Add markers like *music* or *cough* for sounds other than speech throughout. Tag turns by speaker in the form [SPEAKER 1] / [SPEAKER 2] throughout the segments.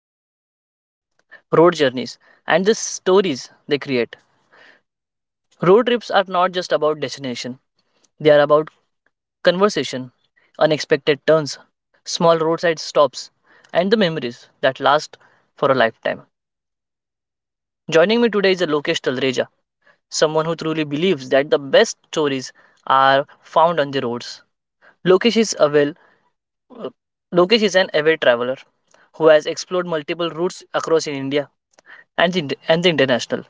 [SPEAKER 1] traveler road journeys and the stories they create. Road trips are not just about destination, they are about conversation, unexpected turns, small roadside stops, and the memories that last for a lifetime. Joining me today is Lokesh Talreja someone who truly believes that the best stories are found on the roads. Lokesh is a well, Lokesh is an avid traveler who has explored multiple routes across in India and the international,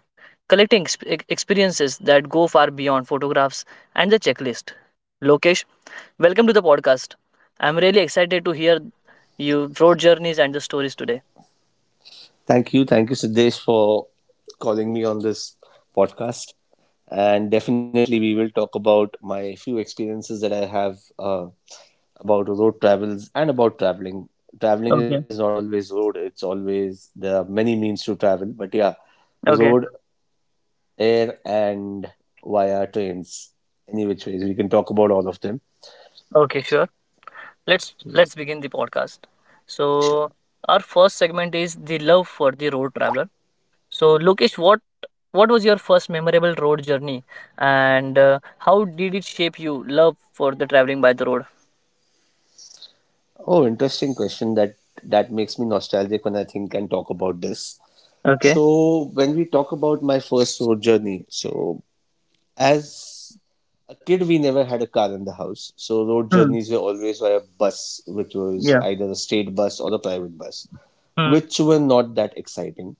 [SPEAKER 1] collecting experiences that go far beyond photographs and the checklist. Lokesh, welcome to the podcast. I'm really excited to hear you road journeys and the stories today.
[SPEAKER 2] Thank you. Thank you, Siddesh, for calling me on this podcast. And definitely, we will talk about my few experiences that I have about road travels and about traveling. Traveling
[SPEAKER 1] Okay.
[SPEAKER 2] is not always road, it's always there are many means to travel. But yeah,
[SPEAKER 1] Okay.
[SPEAKER 2] road, air, and via trains, any which ways. We can talk about all of them.
[SPEAKER 1] Okay. Sure. let's let's begin the podcast, so
[SPEAKER 2] Sure.
[SPEAKER 1] our first segment is the love for the road traveler. So, Lokesh, what was your first memorable road journey, and how did it shape you love for the traveling by the road?
[SPEAKER 2] Oh, interesting question. That makes me nostalgic when I think and talk about this.
[SPEAKER 1] Okay.
[SPEAKER 2] So when we talk about my first road journey, so as a kid we never had a car in the house. So road
[SPEAKER 1] Hmm.
[SPEAKER 2] journeys were always via bus, which was
[SPEAKER 1] Yeah.
[SPEAKER 2] either a state bus or a private bus,
[SPEAKER 1] Hmm.
[SPEAKER 2] which were not that exciting.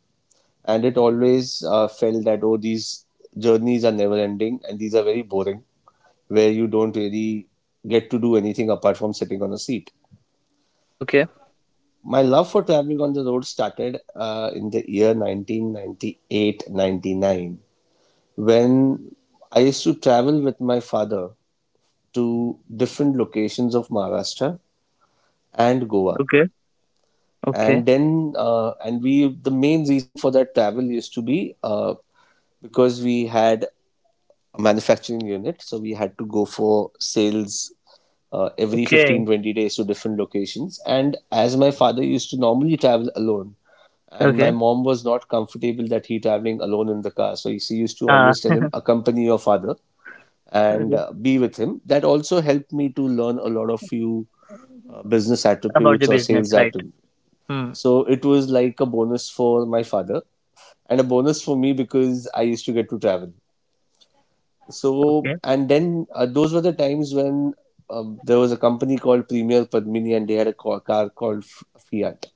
[SPEAKER 2] And it always felt that oh these journeys are never ending and these are very boring, where you don't really get to do anything apart from sitting on a seat.
[SPEAKER 1] Okay.
[SPEAKER 2] My love for traveling on the road started in the year 1998-99. When I used to travel with my father to different locations of Maharashtra and Goa.
[SPEAKER 1] Okay. Okay.
[SPEAKER 2] And then, the main reason for that travel used to be because we had a manufacturing unit, so we had to go for sales every 15
[SPEAKER 1] Okay.
[SPEAKER 2] 20 days to different locations. And as my father used to normally travel alone, and my
[SPEAKER 1] Okay.
[SPEAKER 2] mom was not comfortable that he traveling alone in the car, so she used to
[SPEAKER 1] Ah.
[SPEAKER 2] always tell him, accompany your father and
[SPEAKER 1] Okay.
[SPEAKER 2] be with him. That also helped me to learn a lot of few business
[SPEAKER 1] About the
[SPEAKER 2] attributes or
[SPEAKER 1] business,
[SPEAKER 2] sales
[SPEAKER 1] right?
[SPEAKER 2] attributes.
[SPEAKER 1] Hmm.
[SPEAKER 2] So it was like a bonus for my father and a bonus for me because I used to get to travel. So
[SPEAKER 1] Okay.
[SPEAKER 2] and then those were the times when there was a company called Premier Padmini and they had a car called Fiat,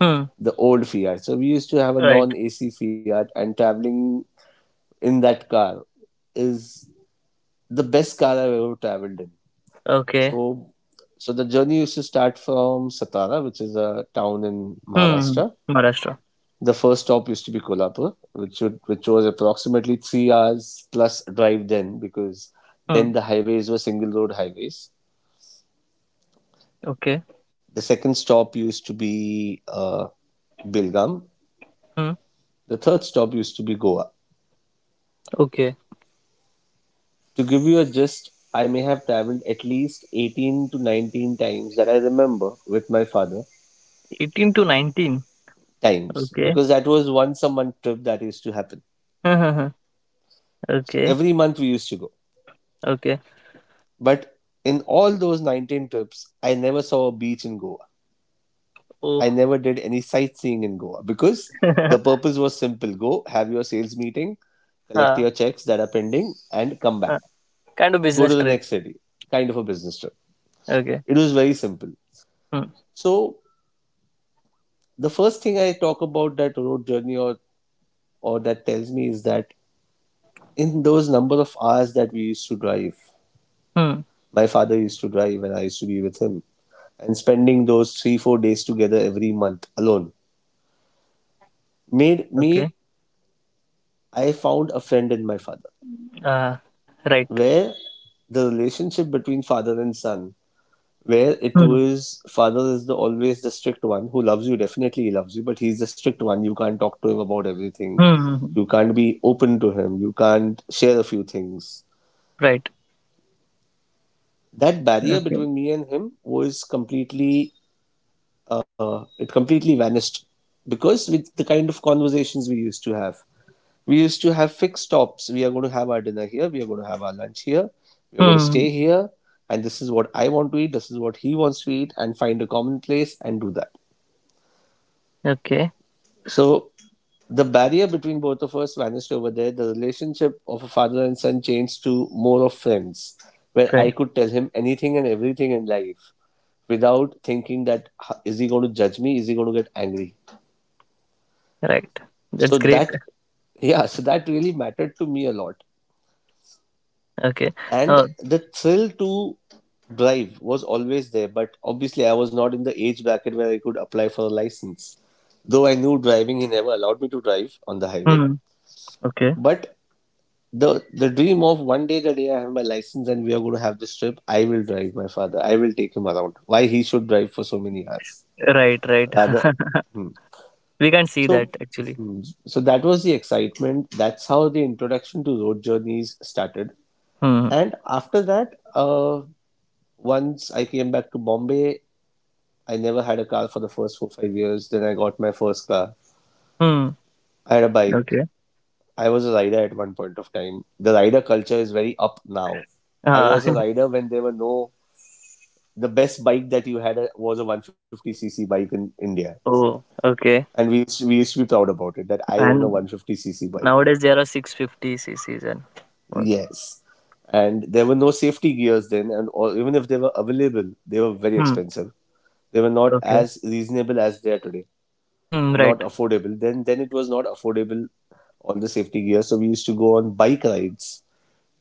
[SPEAKER 1] Hmm.
[SPEAKER 2] the old Fiat. So we used to have a
[SPEAKER 1] Right.
[SPEAKER 2] non-AC Fiat, and traveling in that car is the best car I've ever traveled in.
[SPEAKER 1] Okay.
[SPEAKER 2] So, so the journey used to start from Satara, which is a town in
[SPEAKER 1] Hmm.
[SPEAKER 2] Maharashtra.
[SPEAKER 1] Hmm. Maharashtra.
[SPEAKER 2] The first stop used to be Kolhapur, which would, which was approximately 3 hours plus drive then, because
[SPEAKER 1] Hmm.
[SPEAKER 2] then the highways were single road highways.
[SPEAKER 1] Okay.
[SPEAKER 2] The second stop used to be Bilgam.
[SPEAKER 1] Hmm.
[SPEAKER 2] The third stop used to be Goa.
[SPEAKER 1] Okay.
[SPEAKER 2] To give you a gist, I may have traveled at least 18 to 19 times that I remember with my father
[SPEAKER 1] 18 to 19.
[SPEAKER 2] times,
[SPEAKER 1] Okay.
[SPEAKER 2] because that was once a month trip that used to happen.
[SPEAKER 1] *laughs* Huh, huh, huh.
[SPEAKER 2] So
[SPEAKER 1] Okay,
[SPEAKER 2] every month we used to go.
[SPEAKER 1] okay.
[SPEAKER 2] But in all those 19 trips, I never saw a beach in Goa.
[SPEAKER 1] Oh.
[SPEAKER 2] I never did any sightseeing in Goa because the
[SPEAKER 1] *laughs*
[SPEAKER 2] purpose was simple, go, have your sales meeting, collect
[SPEAKER 1] uh,
[SPEAKER 2] your checks that are pending, and come back.
[SPEAKER 1] uh, Kind of
[SPEAKER 2] Go to
[SPEAKER 1] business
[SPEAKER 2] the
[SPEAKER 1] trip.
[SPEAKER 2] next city. Kind of a business trip.
[SPEAKER 1] Okay.
[SPEAKER 2] It was very simple.
[SPEAKER 1] Hmm.
[SPEAKER 2] So the first thing I talk about that road journey or that tells me is that in those number of hours that we used to drive,
[SPEAKER 1] Hmm.
[SPEAKER 2] my father used to drive and I used to be with him. And spending those three, 4 days together every month alone made
[SPEAKER 1] Okay.
[SPEAKER 2] me, I found a friend in my father,
[SPEAKER 1] Uh, right.
[SPEAKER 2] where the relationship between father and son, where it
[SPEAKER 1] Hmm.
[SPEAKER 2] was father is the always the strict one who loves you, definitely he loves you, but he's the strict one. You can't talk to him about everything.
[SPEAKER 1] Hmm. Hmm, hmm.
[SPEAKER 2] You can't be open to him. You can't share a few things.
[SPEAKER 1] Right.
[SPEAKER 2] That barrier
[SPEAKER 1] Okay.
[SPEAKER 2] between me and him was completely it completely vanished, because with the kind of conversations we used to have, we used to have fixed stops. We are going to have our dinner here, we are going to have our lunch here, we are going to
[SPEAKER 1] Hmm.
[SPEAKER 2] stay here, and this is what I want to eat, this is what he wants to eat, and find a common place and do that.
[SPEAKER 1] Okay.
[SPEAKER 2] So the barrier between both of us vanished over there. The relationship of a father and son changed to more of friends, where I
[SPEAKER 1] Friend.
[SPEAKER 2] could tell him anything and everything in life, without thinking that is he going to judge me, is he going to get angry.
[SPEAKER 1] Right. That's
[SPEAKER 2] So
[SPEAKER 1] great.
[SPEAKER 2] that, yeah, so that really mattered to me a lot.
[SPEAKER 1] Okay.
[SPEAKER 2] And
[SPEAKER 1] Uh,
[SPEAKER 2] the thrill to drive was always there, but obviously I was not in the age bracket where I could apply for a license. Though I knew driving, he never allowed me to drive on the highway.
[SPEAKER 1] hmm. Okay.
[SPEAKER 2] But the dream of one day, the day I have my license and we are going to have this trip, I will drive my father, I will take him around, why he should drive for so many hours
[SPEAKER 1] Right. Right.
[SPEAKER 2] rather.
[SPEAKER 1] *laughs*
[SPEAKER 2] Hmm.
[SPEAKER 1] We can't see that
[SPEAKER 2] So,
[SPEAKER 1] actually.
[SPEAKER 2] so that was the excitement. That's how the introduction to road journeys started.
[SPEAKER 1] Hmm.
[SPEAKER 2] And after that, once I came back to Bombay, I never had a car for the first 4-5 years. Then I got my first car.
[SPEAKER 1] Hmm.
[SPEAKER 2] I had a bike.
[SPEAKER 1] Okay.
[SPEAKER 2] I was a rider at one point of time. The rider culture is very up now. I
[SPEAKER 1] Uh,
[SPEAKER 2] was a
[SPEAKER 1] *laughs*
[SPEAKER 2] rider when there were no. The best bike that you had was a 150cc bike in India,
[SPEAKER 1] *laughs* oh. Okay.
[SPEAKER 2] and we used to be proud about it that I own a
[SPEAKER 1] And
[SPEAKER 2] 150cc bike.
[SPEAKER 1] nowadays there are 650 cc's and all.
[SPEAKER 2] Yes. And there were no safety gears then, and or even if they were available, they were very
[SPEAKER 1] Hmm.
[SPEAKER 2] expensive. They were not
[SPEAKER 1] Okay.
[SPEAKER 2] as reasonable as they are today,
[SPEAKER 1] Hmm.
[SPEAKER 2] or not
[SPEAKER 1] Right.
[SPEAKER 2] affordable. Then it was not affordable on the safety gear, so we used to go on bike rides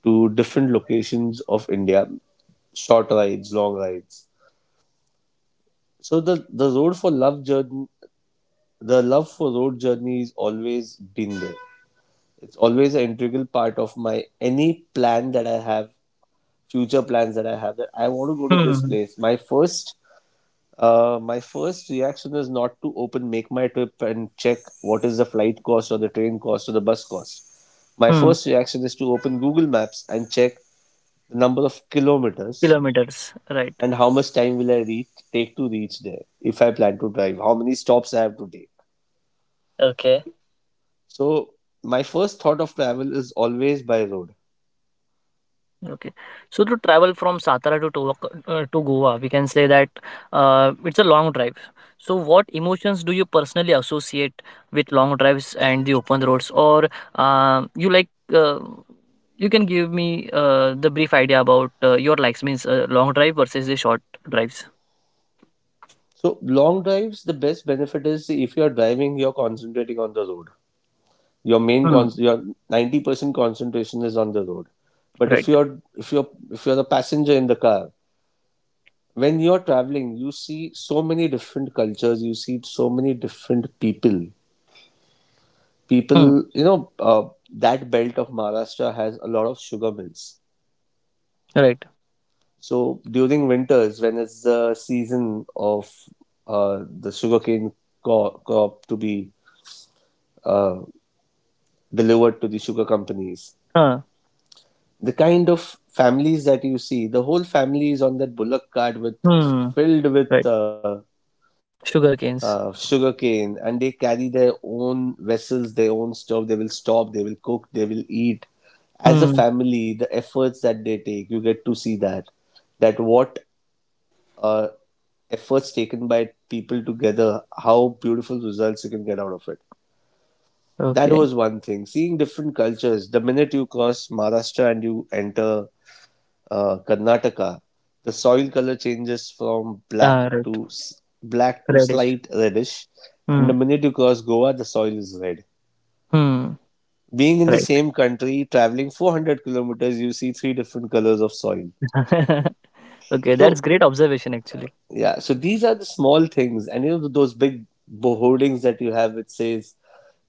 [SPEAKER 2] to different locations of India, short rides, long rides. So the road for love journey, the love for road journey has always been there. It's always an integral part of my any plan that I have, future plans that I have, that I want to go to this
[SPEAKER 1] Hmm.
[SPEAKER 2] place. My first reaction is not to open make my trip and check what is the flight cost or the train cost or the bus cost. My
[SPEAKER 1] Hmm,
[SPEAKER 2] first reaction is to open Google Maps and check the number of kilometers
[SPEAKER 1] kilometers, right.
[SPEAKER 2] and how much time will I reach take to reach there, if I plan to drive, how many stops I have to take.
[SPEAKER 1] Okay.
[SPEAKER 2] So my first thought of travel is always by road.
[SPEAKER 1] Okay. So to travel from Satara to to Goa, we can say that it's a long drive. So what emotions do you personally associate with long drives and the open roads, or you like? You can give me the brief idea about your likes means long drive versus the short drives.
[SPEAKER 2] So long drives, the best benefit is if you are driving, you're concentrating on the road. Your main
[SPEAKER 1] Hmm.
[SPEAKER 2] your 90% concentration is on the road, but if
[SPEAKER 1] Right.
[SPEAKER 2] you're if you're if you're the passenger in the car, when you're traveling you see so many different cultures, you see so many different people,
[SPEAKER 1] Hmm.
[SPEAKER 2] you know, that belt of Maharashtra has a lot of sugar mills.
[SPEAKER 1] Right.
[SPEAKER 2] So during winters, when it's the season of uh, the sugarcane crop to be uh, delivered to the sugar companies,
[SPEAKER 1] Huh.
[SPEAKER 2] the kind of families that you see, the whole family is on that bullock cart with,
[SPEAKER 1] Hmm.
[SPEAKER 2] filled with
[SPEAKER 1] Right. Sugar canes.
[SPEAKER 2] sugarcane, and they carry their own vessels, their own stuff. They will stop, they will cook, they will eat. As a
[SPEAKER 1] Hmm.
[SPEAKER 2] family, the efforts that they take, you get to see that, what uh, efforts taken by people together, how beautiful results you can get out of it. That
[SPEAKER 1] Okay.
[SPEAKER 2] was one thing. Seeing different cultures. The minute you cross Maharashtra and you enter Karnataka, the soil color changes from black
[SPEAKER 1] Ah, right.
[SPEAKER 2] to black to
[SPEAKER 1] Radish.
[SPEAKER 2] slight reddish, and the
[SPEAKER 1] Hmm.
[SPEAKER 2] minute you cross Goa, the soil is red.
[SPEAKER 1] Hmm,
[SPEAKER 2] Being in the
[SPEAKER 1] right.
[SPEAKER 2] same country, traveling 400 kilometers, you see three different colors of soil.
[SPEAKER 1] *laughs* Okay, that's
[SPEAKER 2] So
[SPEAKER 1] great observation actually.
[SPEAKER 2] yeah, so these are the small things, and you know those big hoardings that you have, which says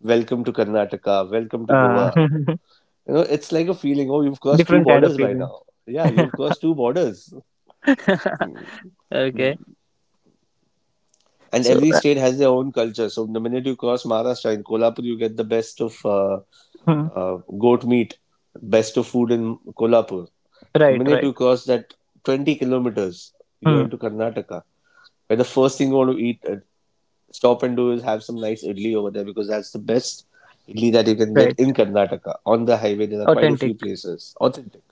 [SPEAKER 2] "Welcome to Karnataka," "Welcome to
[SPEAKER 1] Uh,
[SPEAKER 2] Goa."
[SPEAKER 1] *laughs*
[SPEAKER 2] You know, it's like a feeling. Oh, you've crossed two
[SPEAKER 1] Different kind
[SPEAKER 2] borders
[SPEAKER 1] of
[SPEAKER 2] by
[SPEAKER 1] feeling.
[SPEAKER 2] now. Yeah, you've
[SPEAKER 1] *laughs*
[SPEAKER 2] crossed two borders.
[SPEAKER 1] Okay.
[SPEAKER 2] And
[SPEAKER 1] So,
[SPEAKER 2] every state has their own culture. So the minute you cross Maharashtra in Kolhapur, you get the best of
[SPEAKER 1] hmm,
[SPEAKER 2] goat meat, best of food in Kolhapur. The
[SPEAKER 1] right,
[SPEAKER 2] minute
[SPEAKER 1] right.
[SPEAKER 2] you cross that 20 kilometers, you're
[SPEAKER 1] Hmm,
[SPEAKER 2] into Karnataka, where the first thing you want to eat, stop and do is have some nice idli over there because that's the best idli that you can get
[SPEAKER 1] right.
[SPEAKER 2] in Karnataka. On the highway, there are quite a
[SPEAKER 1] Authentic.
[SPEAKER 2] few places, authentic.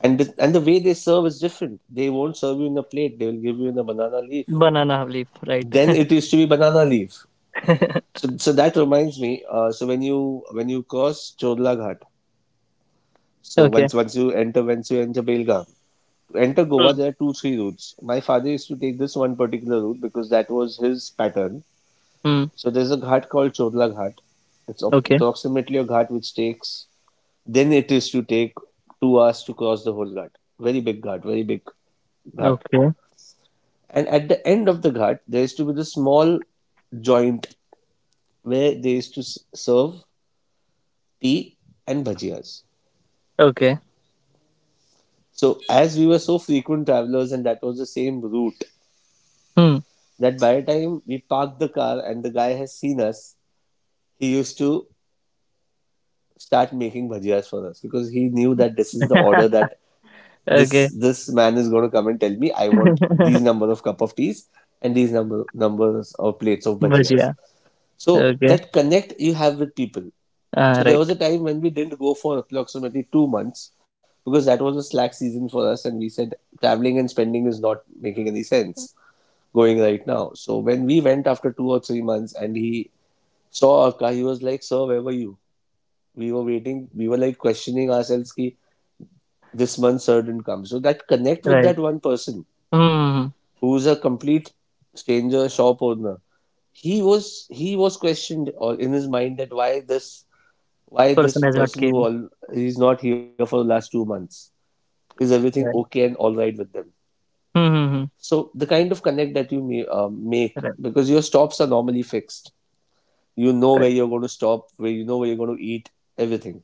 [SPEAKER 2] And the way they serve is different. They won't serve you in a plate, they will give you in a banana leaf.
[SPEAKER 1] Banana leaf, right.
[SPEAKER 2] Then it used to be banana leaf.
[SPEAKER 1] *laughs*
[SPEAKER 2] So, so that reminds me. So when you cross Chodla Ghat, so
[SPEAKER 1] Okay.
[SPEAKER 2] once you enter Belgaum, to enter Goa
[SPEAKER 1] Hmm.
[SPEAKER 2] there are 2-3 routes. My father used to take this one particular route because that was his pattern.
[SPEAKER 1] Hmm.
[SPEAKER 2] So there's a ghat called Chodla Ghat. It's
[SPEAKER 1] Okay.
[SPEAKER 2] approximately a ghat which takes then it is to take 2 hours to cross the whole ghat. Very big ghat, very big ghat.
[SPEAKER 1] Okay.
[SPEAKER 2] And at the end of the ghat, there used to be the small joint where they used to serve tea and bhajiyas.
[SPEAKER 1] Okay.
[SPEAKER 2] So as we were so frequent travelers and that was the same route
[SPEAKER 1] Hmm.
[SPEAKER 2] that by the time we parked the car and the guy has seen us, he used to start making bhajiyas for us because he knew that this is the order
[SPEAKER 1] *laughs*
[SPEAKER 2] that this
[SPEAKER 1] Okay.
[SPEAKER 2] this man is going to come and tell me I want these
[SPEAKER 1] *laughs*
[SPEAKER 2] number of cup of teas and these numbers of plates of bhajiyas.
[SPEAKER 1] Bhajia.
[SPEAKER 2] So
[SPEAKER 1] Okay.
[SPEAKER 2] that connect you have with people.
[SPEAKER 1] Ah,
[SPEAKER 2] So there
[SPEAKER 1] right.
[SPEAKER 2] was a time when we didn't go for approximately 2 months because that was a slack season for us, and we said traveling and spending is not making any sense going right now. So when we went after 2 or 3 months, and he saw our car, he was like, "Sir, where were you? We were waiting. We were like questioning ourselves, 'Ki this month, sir didn't come.'" So that connect with
[SPEAKER 1] Right.
[SPEAKER 2] that one person
[SPEAKER 1] Hmm.
[SPEAKER 2] who's a complete stranger, shop owner, he was questioned or in his mind that why this
[SPEAKER 1] Person has not
[SPEAKER 2] person who
[SPEAKER 1] came.
[SPEAKER 2] all he's not here for the last 2 months. Is everything
[SPEAKER 1] Right.
[SPEAKER 2] okay and all right with them?
[SPEAKER 1] Hmm. Hmm, hmm.
[SPEAKER 2] So the kind of connect that you may, make
[SPEAKER 1] Right.
[SPEAKER 2] because your stops are normally fixed, you know
[SPEAKER 1] Right.
[SPEAKER 2] where you're going to stop, where you know where you're going to eat, everything.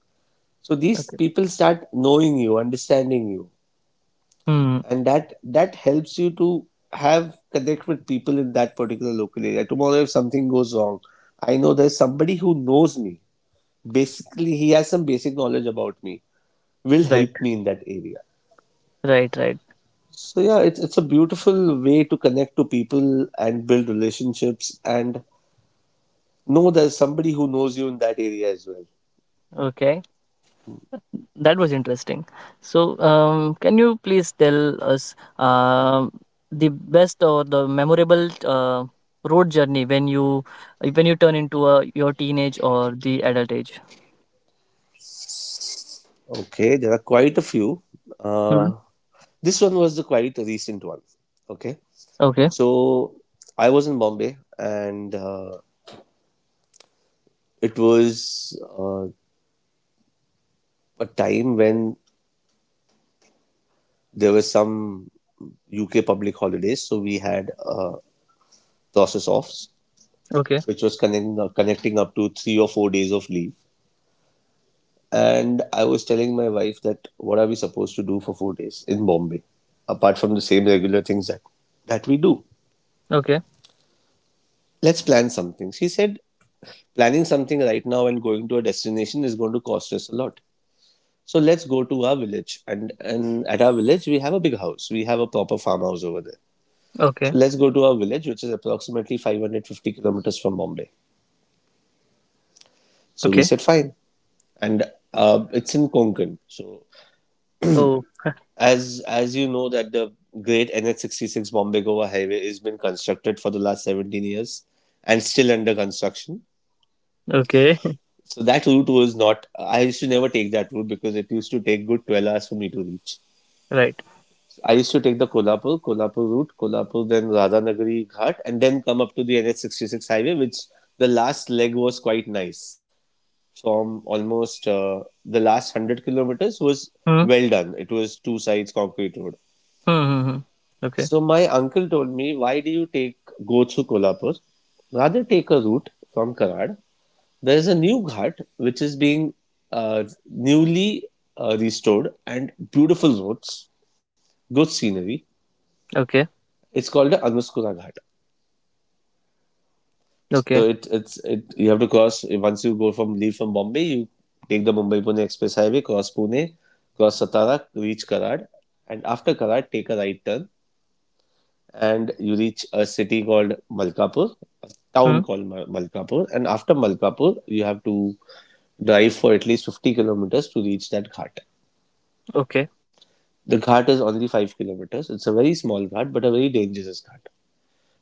[SPEAKER 2] So these
[SPEAKER 1] Okay.
[SPEAKER 2] people start knowing you, understanding you,
[SPEAKER 1] Hmm.
[SPEAKER 2] and that helps you to have connect with people in that particular local area. Tomorrow if something goes wrong, I know there's somebody who knows me, basically he has some basic knowledge about me, will
[SPEAKER 1] Right.
[SPEAKER 2] help me in that area.
[SPEAKER 1] Right. Right.
[SPEAKER 2] So yeah, it's a beautiful way to connect to people and build relationships and know there's somebody who knows you in that area as well.
[SPEAKER 1] Okay, that was interesting. So, can you please tell us the best or the memorable uh, road journey when you turn into your teenage or the adult age?
[SPEAKER 2] Okay, there are quite a few.
[SPEAKER 1] Hmm.
[SPEAKER 2] Uh, this one was the quite recent one. Okay,
[SPEAKER 1] Okay.
[SPEAKER 2] so I was in Bombay and it was a time when there were some UK public holidays, so we had process offs,
[SPEAKER 1] Okay.
[SPEAKER 2] which was connecting up to 3 or 4 days of leave. And I was telling my wife that what are we supposed to do for 4 days in Bombay, apart from the same regular things that we do.
[SPEAKER 1] Okay.
[SPEAKER 2] Let's plan something. She said, planning something right now and going to a destination is going to cost us a lot. So let's go to our village, and at our village we have a big house. We have a proper farmhouse over there.
[SPEAKER 1] Okay.
[SPEAKER 2] So let's go to our village, which is approximately 550 kilometers from Bombay. So we
[SPEAKER 1] Okay.
[SPEAKER 2] said fine, and it's in Konkan. So
[SPEAKER 1] Oh. *laughs*
[SPEAKER 2] as you know that the great NH66 Bombay Goa Highway has been constructed for the last 17 years and still under construction.
[SPEAKER 1] Okay. *laughs*
[SPEAKER 2] So that route was not, I used to never take that route because it used to take good 12 hours for me to reach.
[SPEAKER 1] Right.
[SPEAKER 2] I used to take the Kolhapur route, Kolhapur then Radhanagari Ghat and then come up to the NH66 highway, which the last leg was quite nice. From almost the last 100 kilometers was
[SPEAKER 1] Hmm.
[SPEAKER 2] well done. It was two sides concrete road.
[SPEAKER 1] Hmm. Hmm, hmm. Okay.
[SPEAKER 2] So my uncle told me, why do you take go through Kolhapur? Rather take a route from Karad. There is a new ghat which is being newly restored, and beautiful roads, good scenery.
[SPEAKER 1] Okay.
[SPEAKER 2] It's called the Anuskura Ghat. So
[SPEAKER 1] Okay.
[SPEAKER 2] it it's it you have to cross once you go from leave from Bombay, you take the Mumbai Pune Express Highway, cross Pune, cross Satara, reach Karad, and after Karad take a right turn and you reach a city called Malkapur, a
[SPEAKER 1] Hmm.
[SPEAKER 2] town called Malkapur, and after Malkapur, you have to drive for at least 50 kilometers to reach that ghat.
[SPEAKER 1] Okay.
[SPEAKER 2] The ghat is only 5 kilometers. It's a very small ghat, but a very dangerous ghat.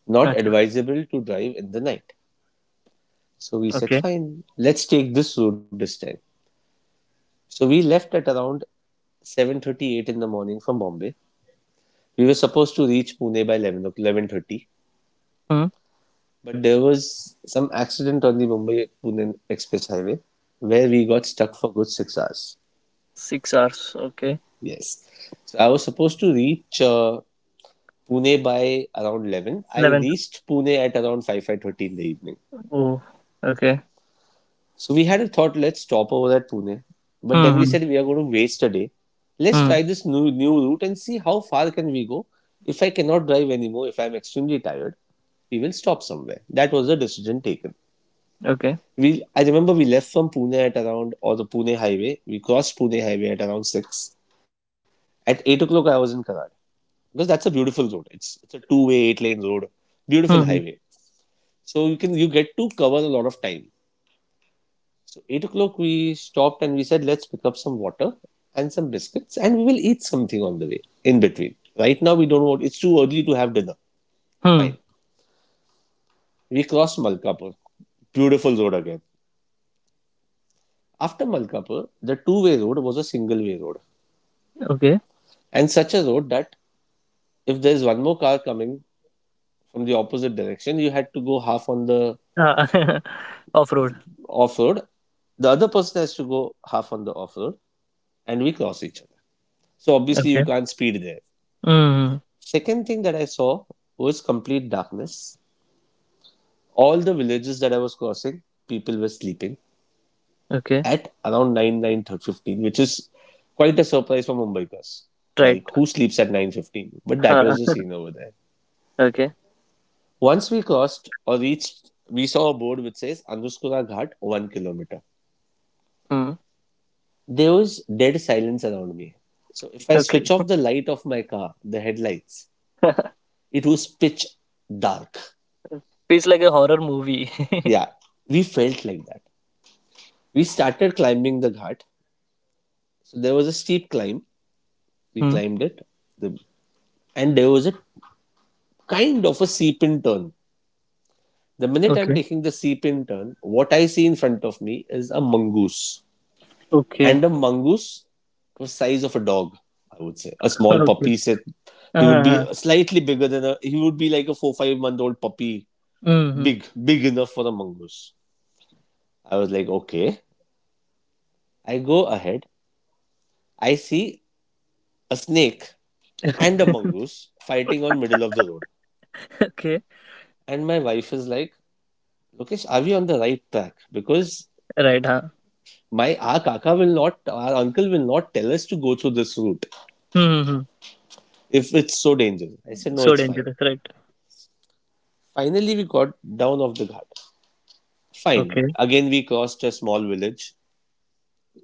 [SPEAKER 2] Not
[SPEAKER 1] Acha.
[SPEAKER 2] advisable to drive in the night. So we said,
[SPEAKER 1] Okay.
[SPEAKER 2] fine, let's take this route this time. So we left at around 7:38 in the morning from Bombay. We were supposed to reach Pune by 11, 11:30.
[SPEAKER 1] Hmm.
[SPEAKER 2] But there was some accident on the Mumbai Pune Express Highway where we got stuck for good 6 hours.
[SPEAKER 1] 6 hours. Okay.
[SPEAKER 2] Yes. So I was supposed to reach Pune by around 11. I
[SPEAKER 1] 11.
[SPEAKER 2] reached Pune at around 5 5:30 in the evening.
[SPEAKER 1] Oh. Okay.
[SPEAKER 2] So we had a thought, let's stop over at Pune. But then
[SPEAKER 1] Hmm.
[SPEAKER 2] we
[SPEAKER 1] Hmm.
[SPEAKER 2] said we are going to waste a day. Let's
[SPEAKER 1] Hmm.
[SPEAKER 2] try this new route and see how far can we go. If I cannot drive anymore, if I'm extremely tired, we will stop somewhere. That was the decision taken.
[SPEAKER 1] Okay.
[SPEAKER 2] We I remember we left from Pune at around, or the Pune highway, we crossed Pune highway at around six. At 8 o'clock, I was in Karad because that's a beautiful road. It's a two way eight-lane road, beautiful
[SPEAKER 1] Mhm.
[SPEAKER 2] highway. So you get to cover a lot of time. So 8 o'clock we stopped and we said let's pick up some water and some biscuits and we will eat something on the way in between. Right now we don't want, it's too early to have dinner.
[SPEAKER 1] Hmm.
[SPEAKER 2] Fine. We crossed Malkapur, beautiful road again. After Malkapur, the two-way road was a single way road.
[SPEAKER 1] Okay.
[SPEAKER 2] And such a road that if there's one more car coming from the opposite direction, you had to go half on the
[SPEAKER 1] Uh, *laughs* Off-road.
[SPEAKER 2] off road. The other person has to go half on the off road, and we cross each other. So obviously, you
[SPEAKER 1] Okay.
[SPEAKER 2] can't speed there.
[SPEAKER 1] Mhm.
[SPEAKER 2] Second thing that I saw was complete darkness. All the villages that I was crossing, people were sleeping
[SPEAKER 1] Okay.
[SPEAKER 2] at around 9:15, which is quite a surprise for Mumbaikars.
[SPEAKER 1] Right.
[SPEAKER 2] Like, who sleeps at 9:15? But that
[SPEAKER 1] Huh.
[SPEAKER 2] was the
[SPEAKER 1] *laughs*
[SPEAKER 2] scene over there.
[SPEAKER 1] Okay.
[SPEAKER 2] Once we crossed or reached, we saw a board which says Anuskura Ghat, 1 kilometer.
[SPEAKER 1] Hmm.
[SPEAKER 2] There was dead silence around me. So if I
[SPEAKER 1] Okay.
[SPEAKER 2] switch off the light of my car, the headlights,
[SPEAKER 1] *laughs*
[SPEAKER 2] it was pitch dark.
[SPEAKER 1] Feels like a horror movie. *laughs*
[SPEAKER 2] Yeah, we felt like that. We started climbing the ghat. So there was a steep climb. We
[SPEAKER 1] Hmm.
[SPEAKER 2] climbed it. And there was a kind of a seep in turn. The minute I'm
[SPEAKER 1] Okay.
[SPEAKER 2] taking the seep in turn, what I see in front of me is a mongoose.
[SPEAKER 1] Okay.
[SPEAKER 2] And a mongoose was size of a dog. I would say a
[SPEAKER 1] *laughs*
[SPEAKER 2] small
[SPEAKER 1] Okay.
[SPEAKER 2] puppy. Said he would be
[SPEAKER 1] Uh-huh.
[SPEAKER 2] slightly bigger than a. He would be like a 4 5 month old puppy,
[SPEAKER 1] Mhm.
[SPEAKER 2] big enough for a mongoose. I was like, okay. I go ahead. I see a snake and a
[SPEAKER 1] *laughs*
[SPEAKER 2] mongoose fighting on middle of the road,
[SPEAKER 1] Okay.
[SPEAKER 2] and my wife is like, Lokesh, are we on the right track? Because
[SPEAKER 1] Right. Huh.
[SPEAKER 2] my our kaka will not, our uncle will not tell us to go through this route
[SPEAKER 1] Mhm.
[SPEAKER 2] if it's so dangerous. I
[SPEAKER 1] Hmm.
[SPEAKER 2] said, no,
[SPEAKER 1] So
[SPEAKER 2] it's fine.
[SPEAKER 1] dangerous. Right.
[SPEAKER 2] Finally, we got down off the guard. Fine.
[SPEAKER 1] Okay.
[SPEAKER 2] Again, we crossed a small village,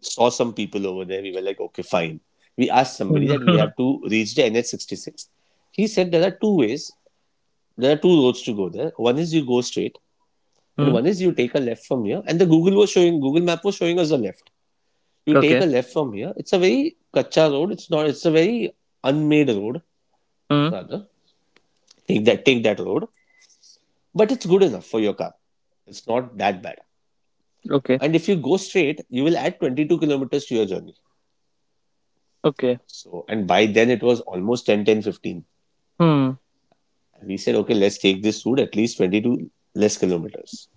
[SPEAKER 2] saw some people over there. We were like, okay, fine. We asked somebody
[SPEAKER 1] Hmm.
[SPEAKER 2] that we
[SPEAKER 1] *laughs*
[SPEAKER 2] have to reach the NH66. He said there are two ways, there are two roads to go there. One is you go straight, and
[SPEAKER 1] Hmm.
[SPEAKER 2] one is you take a left from here. And the Google was showing, Google Map was showing us the left. You take
[SPEAKER 1] Okay.
[SPEAKER 2] a left from here. It's a very kacha road. It's not, it's a very unmade road,
[SPEAKER 1] Hmm.
[SPEAKER 2] rather. Take that road. But it's good enough for your car. It's not that bad.
[SPEAKER 1] Okay.
[SPEAKER 2] And if you go straight, you will add 22 kilometers to your journey.
[SPEAKER 1] Okay.
[SPEAKER 2] So, and by then it was almost 10:15.
[SPEAKER 1] Hmm.
[SPEAKER 2] We said, okay, let's take this route, at least 22 less kilometers.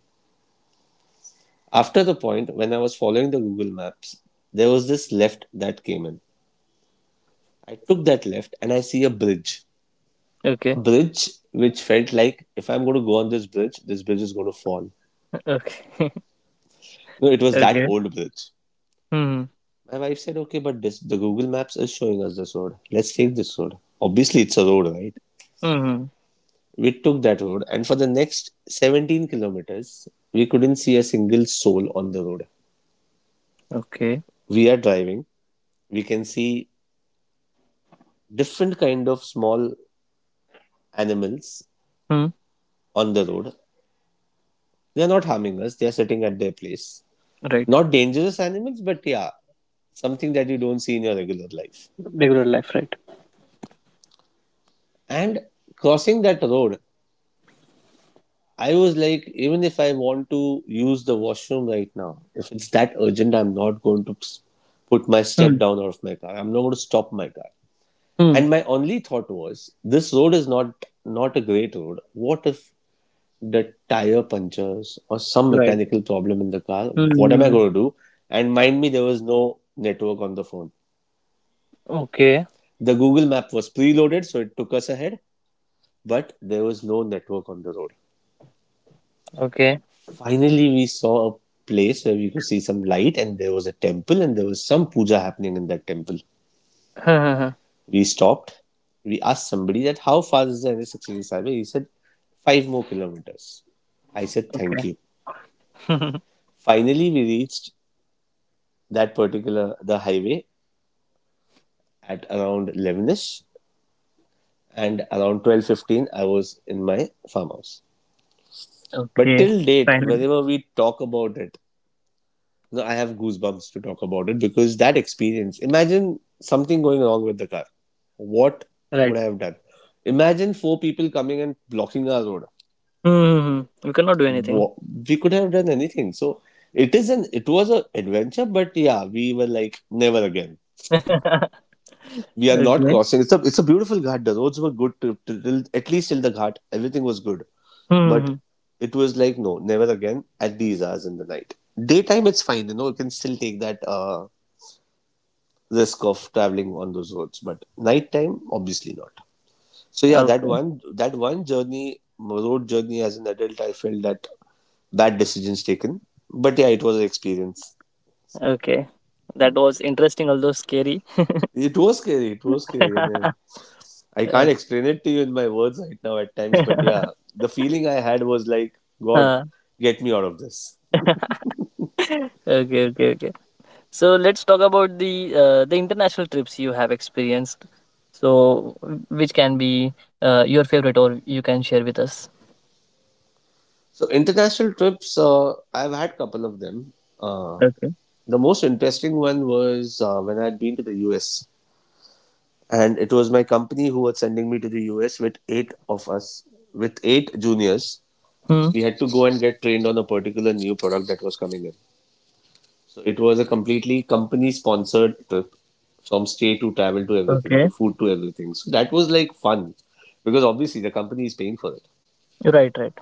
[SPEAKER 2] After the point, when I was following the Google Maps, there was this left that came in. I took that left and I see a bridge.
[SPEAKER 1] Okay.
[SPEAKER 2] A bridge which felt like if I'm going to go on this bridge is going to fall.
[SPEAKER 1] *laughs* Okay. *laughs*
[SPEAKER 2] No, it was that
[SPEAKER 1] Okay.
[SPEAKER 2] old bridge.
[SPEAKER 1] Hmm.
[SPEAKER 2] My wife said, okay, but the Google Maps is showing us this road. Let's take this road. Obviously, it's a road, right?
[SPEAKER 1] Hmm.
[SPEAKER 2] We took that road, and for the next 17 kilometers, we couldn't see a single soul on the road.
[SPEAKER 1] Okay.
[SPEAKER 2] We are driving, we can see different kind of small animals
[SPEAKER 1] Hmm.
[SPEAKER 2] on the road. They are not harming us, they are sitting at their place.
[SPEAKER 1] Right.
[SPEAKER 2] Not dangerous animals, but yeah, something that you don't see in your regular life.
[SPEAKER 1] Regular life. Right.
[SPEAKER 2] And crossing that road, I was like, even if I want to use the washroom right now, if it's that urgent, I'm not going to put my
[SPEAKER 1] Hmm.
[SPEAKER 2] step down out of my car. I'm not going to stop my car.
[SPEAKER 1] Hmm.
[SPEAKER 2] And my only thought was, this road is not a great road. What if the tire punctures or some
[SPEAKER 1] Right.
[SPEAKER 2] mechanical problem in the car? What am I
[SPEAKER 1] Hmm.
[SPEAKER 2] going to do? And mind me, there was no network on the phone.
[SPEAKER 1] Okay.
[SPEAKER 2] The Google map was preloaded, so it took us ahead, but there was no network on the road.
[SPEAKER 1] Okay.
[SPEAKER 2] Finally, we saw a place where we could see some light, and there was a temple, and there was some puja happening in that temple.
[SPEAKER 1] *laughs*
[SPEAKER 2] We stopped. We asked somebody that how far is the NH66 highway? He said 5 more kilometers. I said
[SPEAKER 1] Okay.
[SPEAKER 2] thank you.
[SPEAKER 1] *laughs*
[SPEAKER 2] Finally, we reached that particular the highway at around 11ish, and around 12:15 I was in my farmhouse. But
[SPEAKER 1] Okay.
[SPEAKER 2] till date,
[SPEAKER 1] Finally.
[SPEAKER 2] whenever we talk about it, I have goosebumps to talk about it because that experience. Imagine something going wrong with the car.
[SPEAKER 1] Right.
[SPEAKER 2] What would I have done? Imagine four people coming and blocking our road.
[SPEAKER 1] Hmm. *laughs* We cannot do anything.
[SPEAKER 2] wa- we could have done anything. So it is an it was a adventure, but yeah, we were like never again.
[SPEAKER 1] *laughs*
[SPEAKER 2] We are not
[SPEAKER 1] Okay.
[SPEAKER 2] crossing. It's a beautiful ghat. The roads were good till at least till the ghat. Everything was good,
[SPEAKER 1] Hmm.
[SPEAKER 2] but it was like no, never again at these hours in the night. Daytime it's fine, you can still take that risk of traveling on those roads, but nighttime obviously not. So yeah, that
[SPEAKER 1] Okay.
[SPEAKER 2] one that one journey road journey as an adult, I felt that bad decisions taken. But yeah, it was an experience.
[SPEAKER 1] Okay. That was interesting, although scary. *laughs*
[SPEAKER 2] It was scary. It was scary, and I can't
[SPEAKER 1] Right.
[SPEAKER 2] explain it to you in my words right now at times. But yeah,
[SPEAKER 1] *laughs*
[SPEAKER 2] the feeling I had was like, God,
[SPEAKER 1] Huh.
[SPEAKER 2] get me out of this.
[SPEAKER 1] *laughs* Okay. Okay. Okay. *laughs* So let's talk about the international trips you have experienced. So which can be your favorite, or you can share with us.
[SPEAKER 2] So international trips, I've had couple of them. Uh,
[SPEAKER 1] Okay.
[SPEAKER 2] the most interesting one was when I'd been to the US. And it was my company who was sending me to the US with eight juniors.
[SPEAKER 1] Hmm.
[SPEAKER 2] We had to go and get trained on a particular new product that was coming in. So it was a completely company sponsored trip from stay to travel to everything,
[SPEAKER 1] Okay.
[SPEAKER 2] to food to everything. So that was like fun because obviously the company is paying for it.
[SPEAKER 1] Right. Right.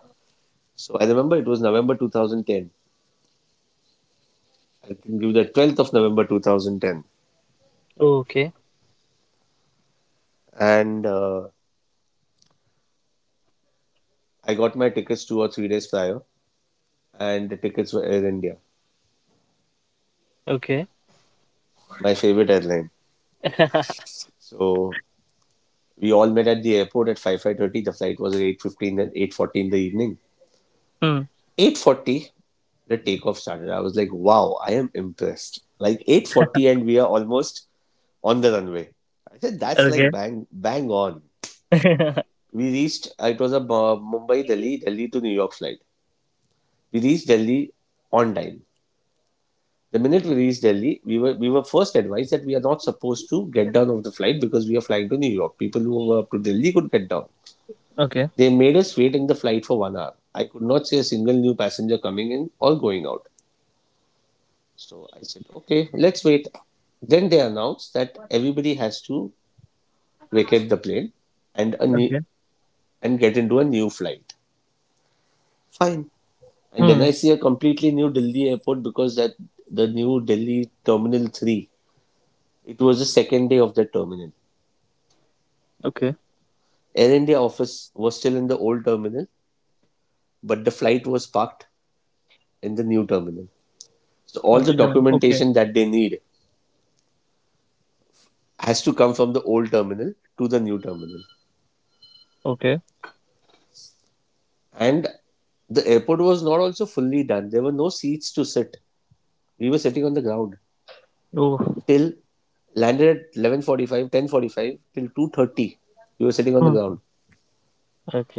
[SPEAKER 2] So I remember it was November 2010. I can give the 12th of November 2010.
[SPEAKER 1] Okay.
[SPEAKER 2] And I got my tickets 2 or 3 days prior, and the tickets were Air India,
[SPEAKER 1] Okay.
[SPEAKER 2] my favorite airline.
[SPEAKER 1] *laughs*
[SPEAKER 2] So we all met at the airport at 5 5:30. The flight was at 8:15 and 8:40 in the evening.
[SPEAKER 1] Hmm.
[SPEAKER 2] 8:40 the takeoff started. I was like, "Wow, I am impressed." Like 8:40 and we are almost on the runway. I said, "That's
[SPEAKER 1] Okay.
[SPEAKER 2] like bang bang on."
[SPEAKER 1] *laughs*
[SPEAKER 2] We reached. It was a Mumbai Delhi, Delhi to New York flight. We reached Delhi on time. The minute we reached Delhi, we were first advised that we are not supposed to get down of the flight because we are flying to New York. People who were up to Delhi could get down.
[SPEAKER 1] Okay.
[SPEAKER 2] They made us wait in the flight for 1 hour. I could not see a single new passenger coming in or going out. So I said, okay, let's wait. Then they announced that everybody has to vacate the plane and a new,
[SPEAKER 1] Okay.
[SPEAKER 2] and get into a new flight. Fine. And then
[SPEAKER 1] Hmm.
[SPEAKER 2] I see a completely new Delhi airport because that the new Delhi Terminal 3, it was the second day of the terminal.
[SPEAKER 1] Okay.
[SPEAKER 2] Air India office was still in the old terminal, but the flight was parked in the new terminal. So all
[SPEAKER 1] Gotcha.
[SPEAKER 2] the
[SPEAKER 1] Sure. Okay.
[SPEAKER 2] documentation that they need has to come from the old terminal to the new terminal.
[SPEAKER 1] Okay.
[SPEAKER 2] And the airport was not also fully done. There were no seats to sit. We were sitting on the ground
[SPEAKER 1] Oh.
[SPEAKER 2] till landed at 11:45, 10:45 till 2:30. We were sitting on the
[SPEAKER 1] Hmm.
[SPEAKER 2] ground.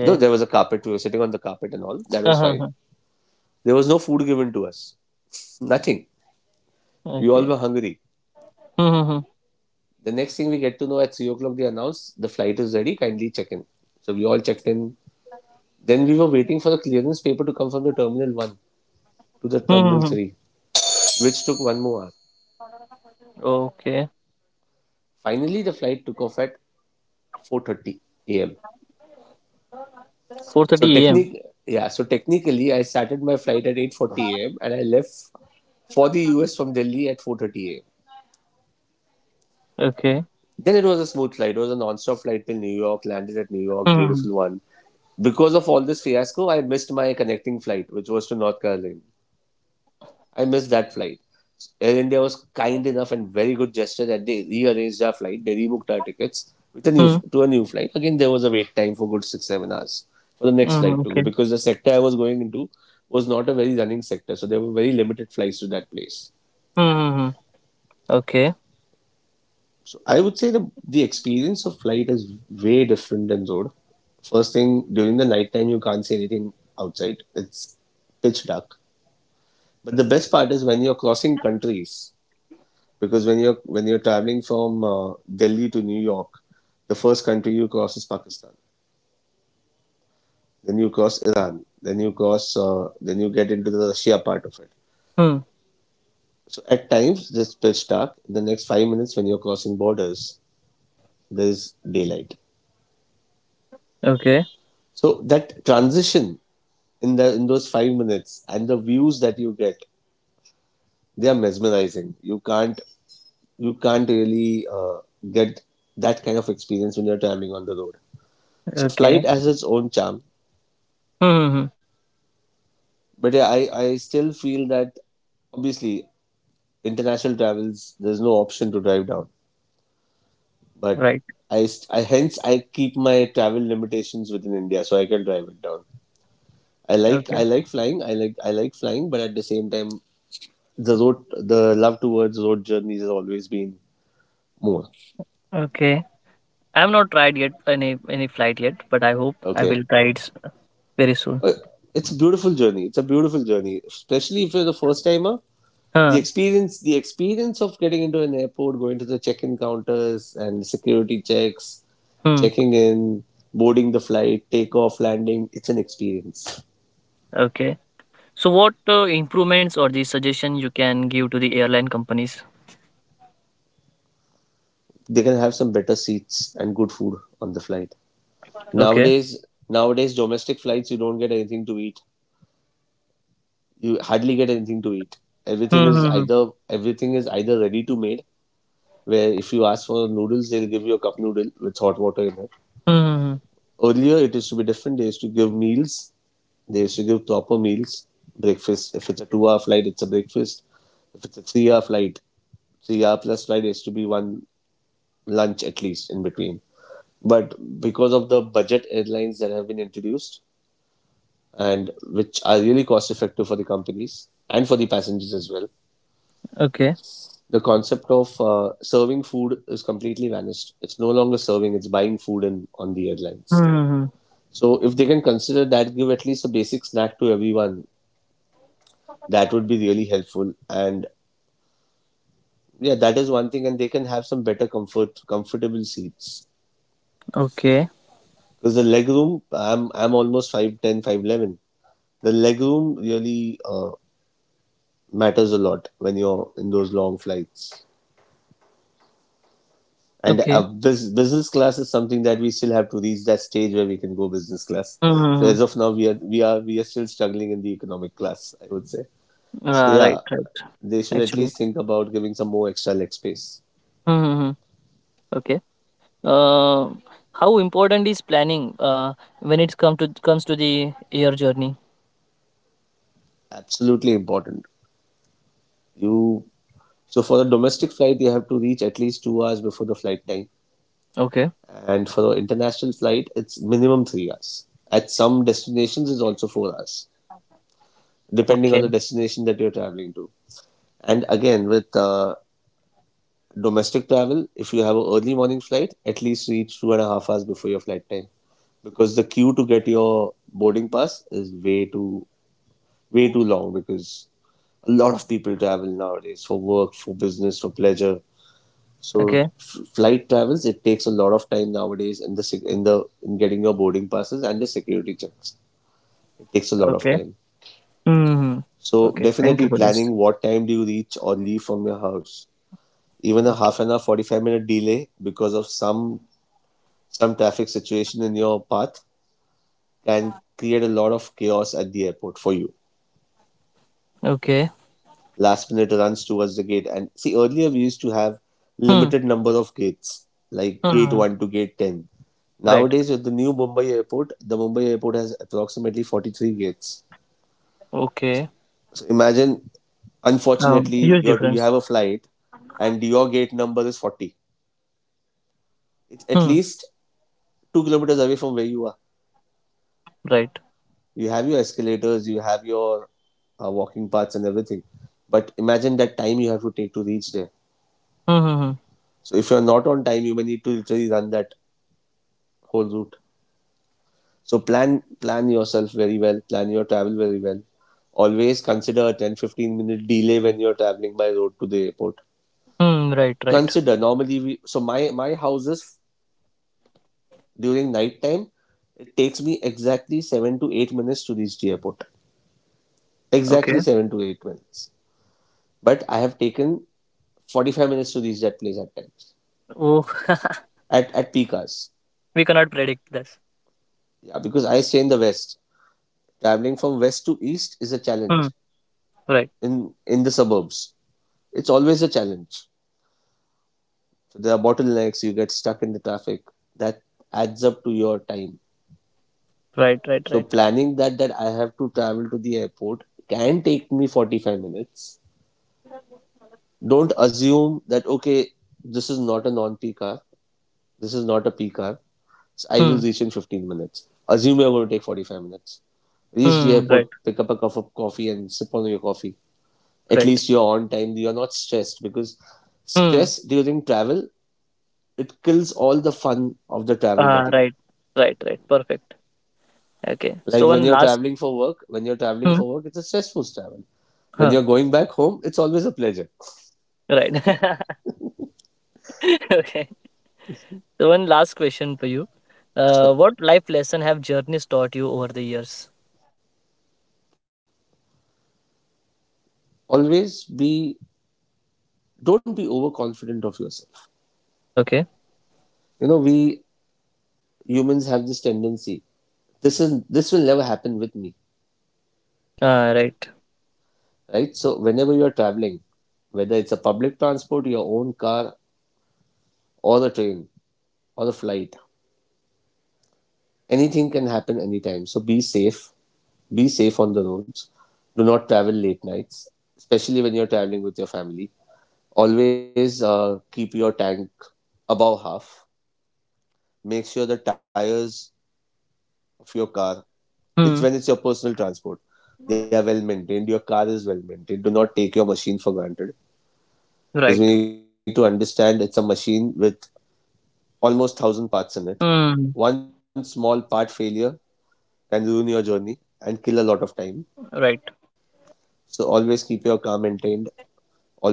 [SPEAKER 2] Though there was a carpet, we were sitting on the carpet and all. That was
[SPEAKER 1] Uh-huh.
[SPEAKER 2] fine.
[SPEAKER 1] Huh.
[SPEAKER 2] There was no food given to us. Nothing. We all were
[SPEAKER 1] Okay.
[SPEAKER 2] hungry.
[SPEAKER 1] Hmm. Hmm,
[SPEAKER 2] The next thing we get to know at 3 o'clock, they announced the flight is ready. Kindly check in. So we all checked in. Then we were waiting for the clearance paper to come from the terminal 1 to the
[SPEAKER 1] hmm.
[SPEAKER 2] terminal
[SPEAKER 1] Hmm. Hmm.
[SPEAKER 2] three. which took 1 more hour.
[SPEAKER 1] Okay.
[SPEAKER 2] Finally, the flight took off at 4:30 a.m.
[SPEAKER 1] Four
[SPEAKER 2] So
[SPEAKER 1] thirty a.m.
[SPEAKER 2] technic, yeah. So technically, I started my flight at 8:40 a.m. and I left for the US from Delhi at 4:30 a.m.
[SPEAKER 1] Okay.
[SPEAKER 2] Then it was a smooth flight. It was a non-stop flight till New York. Landed at New York,
[SPEAKER 1] Hmm.
[SPEAKER 2] beautiful one. Because of all this fiasco, I missed my connecting flight, which was to North Carolina. I missed that flight. Air India was kind enough and very good gesture that they rearranged our flight. They rebooked our tickets with a new
[SPEAKER 1] Hmm.
[SPEAKER 2] to a new flight. Again, there was a wait time for good 6-7 hours for the next
[SPEAKER 1] Hmm. Hmm,
[SPEAKER 2] flight to go
[SPEAKER 1] okay.
[SPEAKER 2] because the sector I was going into was not a very running sector, so there were very limited flights to that place.
[SPEAKER 1] Hmm. Hmm, hmm. Okay.
[SPEAKER 2] So I would say the experience of flight is way different than road. First thing during the night time you can't see anything outside. It's pitch dark. But the best part is when you're crossing countries because when you're traveling from Delhi to New York, the first country you cross is Pakistan. Then you cross Iran. Then you cross. Then you get into the Russia part of it.
[SPEAKER 1] Hmm.
[SPEAKER 2] So at times this pitch dark. In the next 5 minutes, when you're crossing borders, there is daylight.
[SPEAKER 1] Okay.
[SPEAKER 2] So that transition in those 5 minutes and the views that you get, they are mesmerizing. You can't really get that kind of experience when you're traveling on the road. So
[SPEAKER 1] Okay.
[SPEAKER 2] flight has its own charm.
[SPEAKER 1] Hmm. Hmm, hmm.
[SPEAKER 2] But yeah, I still feel that obviously international travels, there's no option to drive down. But
[SPEAKER 1] Right.
[SPEAKER 2] I, st- I hence I keep my travel limitations within India so I can drive it down. I like
[SPEAKER 1] Okay.
[SPEAKER 2] I like flying. I like flying, but at the same time, the love towards road journeys has always been more.
[SPEAKER 1] Okay. I have not tried yet any flight yet, but I hope I
[SPEAKER 2] Okay,
[SPEAKER 1] will try it very soon.
[SPEAKER 2] Uh, it's a beautiful journey. It's a beautiful journey, especially if you're the first timer. the
[SPEAKER 1] Huh.
[SPEAKER 2] experience the experience of getting into an airport, going to the check-in counters and security checks,
[SPEAKER 1] Hmm.
[SPEAKER 2] checking in, boarding the flight, takeoff, landing, it's an experience.
[SPEAKER 1] Okay. So what improvements or the suggestion you can give to the airline companies?
[SPEAKER 2] They can have some better seats and good food on the flight.
[SPEAKER 1] Okay.
[SPEAKER 2] Nowadays, domestic flights, you don't get anything to eat. You hardly get anything to eat. everything
[SPEAKER 1] Hmm.
[SPEAKER 2] is
[SPEAKER 1] Hmm, hmm.
[SPEAKER 2] either everything is either ready to made, where if you ask for noodles, they'll give you a cup noodle with hot water in it.
[SPEAKER 1] Hmm, hmm, hmm.
[SPEAKER 2] Earlier, it used to be different. They used to give meals. They used to give proper meals, breakfast. If it's a 2 hour flight, it's a breakfast. If it's a three hour plus flight, has to be one lunch at least in between. But because of the budget airlines that have been introduced and which are really cost effective for the companies and for the passengers as well,
[SPEAKER 1] Okay.
[SPEAKER 2] the concept of serving food is completely vanished. It's no longer serving, it's buying food on the
[SPEAKER 1] Hmm.
[SPEAKER 2] airlines.
[SPEAKER 1] Hmm, hmm.
[SPEAKER 2] So if they can consider that, give at least a basic snack to everyone, that would be really helpful. And yeah, that is one thing, and they can have some better comfortable seats.
[SPEAKER 1] Okay.
[SPEAKER 2] Because the leg room, I'm almost 5'10", 5'11". The leg room really matters a lot when you're in those long flights. And uh,
[SPEAKER 1] Okay.
[SPEAKER 2] bus- business class is something that we still have to reach that stage where we can go business class. So
[SPEAKER 1] Hmm.
[SPEAKER 2] as
[SPEAKER 1] Hmm,
[SPEAKER 2] of now, we are still struggling in the economic class, I would say.
[SPEAKER 1] hmm.
[SPEAKER 2] So
[SPEAKER 1] Ah,
[SPEAKER 2] yeah,
[SPEAKER 1] right. Right.
[SPEAKER 2] they should at
[SPEAKER 1] Actually.
[SPEAKER 2] least think about giving some more extra leg space.
[SPEAKER 1] Hmm. Hmm, hmm. Okay. Uh, how important is planning when it comes to the your journey?
[SPEAKER 2] Absolutely important. You So for a domestic flight, you have to reach at least 2 hours before the flight time,
[SPEAKER 1] Okay,
[SPEAKER 2] and for an international flight, it's minimum 3 hours. At some destinations, it's also 4 hours, depending on the
[SPEAKER 1] okay,
[SPEAKER 2] destination that you're traveling to. And again, with domestic travel, if you have an early morning flight, at least reach 2.5 hours before your flight time, because the queue to get your boarding pass is way too long because a lot of people travel nowadays for work, for business, for pleasure. So
[SPEAKER 1] okay,
[SPEAKER 2] flight travels, it takes a lot of time nowadays in getting your boarding passes and the security checks. It takes a lot of
[SPEAKER 1] okay.
[SPEAKER 2] time.
[SPEAKER 1] Hmm.
[SPEAKER 2] So
[SPEAKER 1] Okay. Thank you
[SPEAKER 2] definitely
[SPEAKER 1] for this.
[SPEAKER 2] planning what time do you reach or leave from your house. Even a
[SPEAKER 1] Okay.
[SPEAKER 2] half an hour, 45-minute delay because of some traffic situation in your path can create a lot of chaos at the airport for you.
[SPEAKER 1] Okay.
[SPEAKER 2] Last minute runs towards the gate. And see, earlier we used to have
[SPEAKER 1] Hmm.
[SPEAKER 2] limited number of gates, like gate
[SPEAKER 1] Hmm.
[SPEAKER 2] 1 to gate 10.
[SPEAKER 1] Right.
[SPEAKER 2] Nowadays, with the new Mumbai airport, the Mumbai airport has approximately 43 gates.
[SPEAKER 1] Okay.
[SPEAKER 2] So imagine, unfortunately,
[SPEAKER 1] Huge
[SPEAKER 2] you
[SPEAKER 1] difference.
[SPEAKER 2] have a flight and your gate number is 40. It's at
[SPEAKER 1] Hmm.
[SPEAKER 2] least 2 kilometers away from where you are.
[SPEAKER 1] Right.
[SPEAKER 2] You have your escalators, you have your walking paths and everything. But imagine that time you have to take to reach there.
[SPEAKER 1] Hmm. Hmm. Hmm.
[SPEAKER 2] So if you're not on time, you may need to literally run that whole route. So plan yourself very well, plan your travel very well. Always consider a 10 15 minute delay when you're traveling by road to the airport.
[SPEAKER 1] Hmm, right. Right.
[SPEAKER 2] Consider normally we so my houses during night time it takes me exactly 7 to 8 minutes to reach the airport. Exactly
[SPEAKER 1] Okay.
[SPEAKER 2] 7 to 8 minutes. But I have taken 45 minutes to reach that place at times.
[SPEAKER 1] Oh. *laughs*
[SPEAKER 2] At peak hours.
[SPEAKER 1] We cannot predict this.
[SPEAKER 2] Yeah, because I stay in the west. Traveling from west to east is a
[SPEAKER 1] Hmm.
[SPEAKER 2] challenge
[SPEAKER 1] Right.
[SPEAKER 2] in the suburbs. It's always a challenge. So there are bottlenecks, you get stuck in the traffic. That adds up to your time.
[SPEAKER 1] Right. Right.
[SPEAKER 2] So
[SPEAKER 1] Right.
[SPEAKER 2] planning that I have to travel to the airport can take me 45 minutes. Don't assume that okay, this is not a non-peak hour. This is not a peak hour. So I will
[SPEAKER 1] Hmm.
[SPEAKER 2] reach in 15 minutes. Assume you're going to take 45 minutes. Reach the
[SPEAKER 1] Hmm.
[SPEAKER 2] airport,
[SPEAKER 1] Right.
[SPEAKER 2] pick up a cup of coffee and sip on your coffee. At
[SPEAKER 1] Right.
[SPEAKER 2] least you're on time. You're not stressed because
[SPEAKER 1] Hmm.
[SPEAKER 2] stress during travel, it kills all the fun of the travel that
[SPEAKER 1] Ah,
[SPEAKER 2] you have.
[SPEAKER 1] right. Right. Right. Perfect. Okay.
[SPEAKER 2] Like
[SPEAKER 1] So
[SPEAKER 2] when
[SPEAKER 1] one
[SPEAKER 2] you're
[SPEAKER 1] last.
[SPEAKER 2] traveling for work, it's a stressful travel. When
[SPEAKER 1] Huh,
[SPEAKER 2] you're going back home, it's always a pleasure.
[SPEAKER 1] right. *laughs* Okay. So one last question for you.
[SPEAKER 2] So
[SPEAKER 1] What life lesson have journeys taught you over the years?
[SPEAKER 2] always be, don't be overconfident of yourself.
[SPEAKER 1] Okay.
[SPEAKER 2] You know, we humans have this tendency. This will never happen with me,
[SPEAKER 1] Right.
[SPEAKER 2] right? So whenever you're traveling, whether it's a public transport, your own car, or a train, or a flight, anything can happen anytime. So be safe. Be safe on the roads. Do not travel late nights, especially when you're traveling with your family. Always keep your tank above half. Make sure the tires of your car,
[SPEAKER 1] Hmm.
[SPEAKER 2] it's when it's your personal transport, they are well maintained. Your car is well maintained. Do not take your machine for granted
[SPEAKER 1] Right.
[SPEAKER 2] because we need to understand it's a machine with almost 1,000 parts in it.
[SPEAKER 1] Hmm.
[SPEAKER 2] One small part failure can ruin your journey and kill a lot of time.
[SPEAKER 1] Right.
[SPEAKER 2] So always keep your car maintained.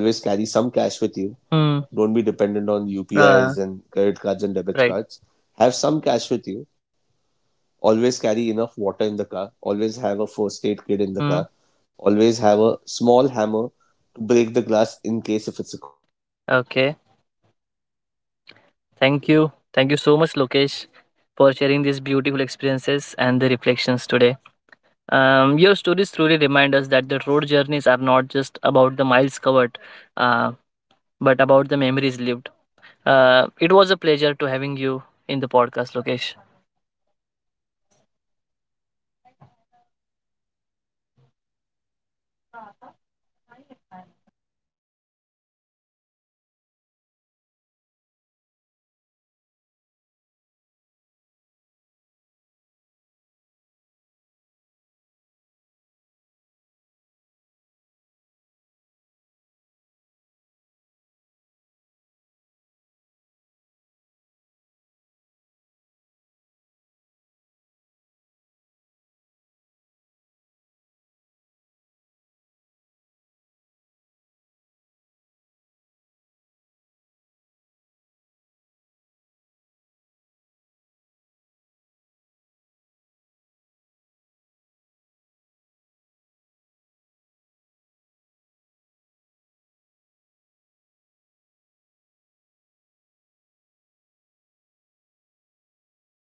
[SPEAKER 2] Always carry some cash with you.
[SPEAKER 1] Hmm.
[SPEAKER 2] Don't be dependent on
[SPEAKER 1] Uh,
[SPEAKER 2] UPIs and credit cards and debit
[SPEAKER 1] right.
[SPEAKER 2] cards. Have some cash with you, always carry enough water in the car, always have a first aid kit in the
[SPEAKER 1] Hmm.
[SPEAKER 2] car, always have a small hammer to break
[SPEAKER 1] Okay. Thank you. Thank you so much, Lokesh, for sharing these beautiful experiences and the reflections today. Your stories truly remind us that the road journeys are not just about the miles covered, uh, but about the memories lived. It was a pleasure to having you in the podcast, Lokesh.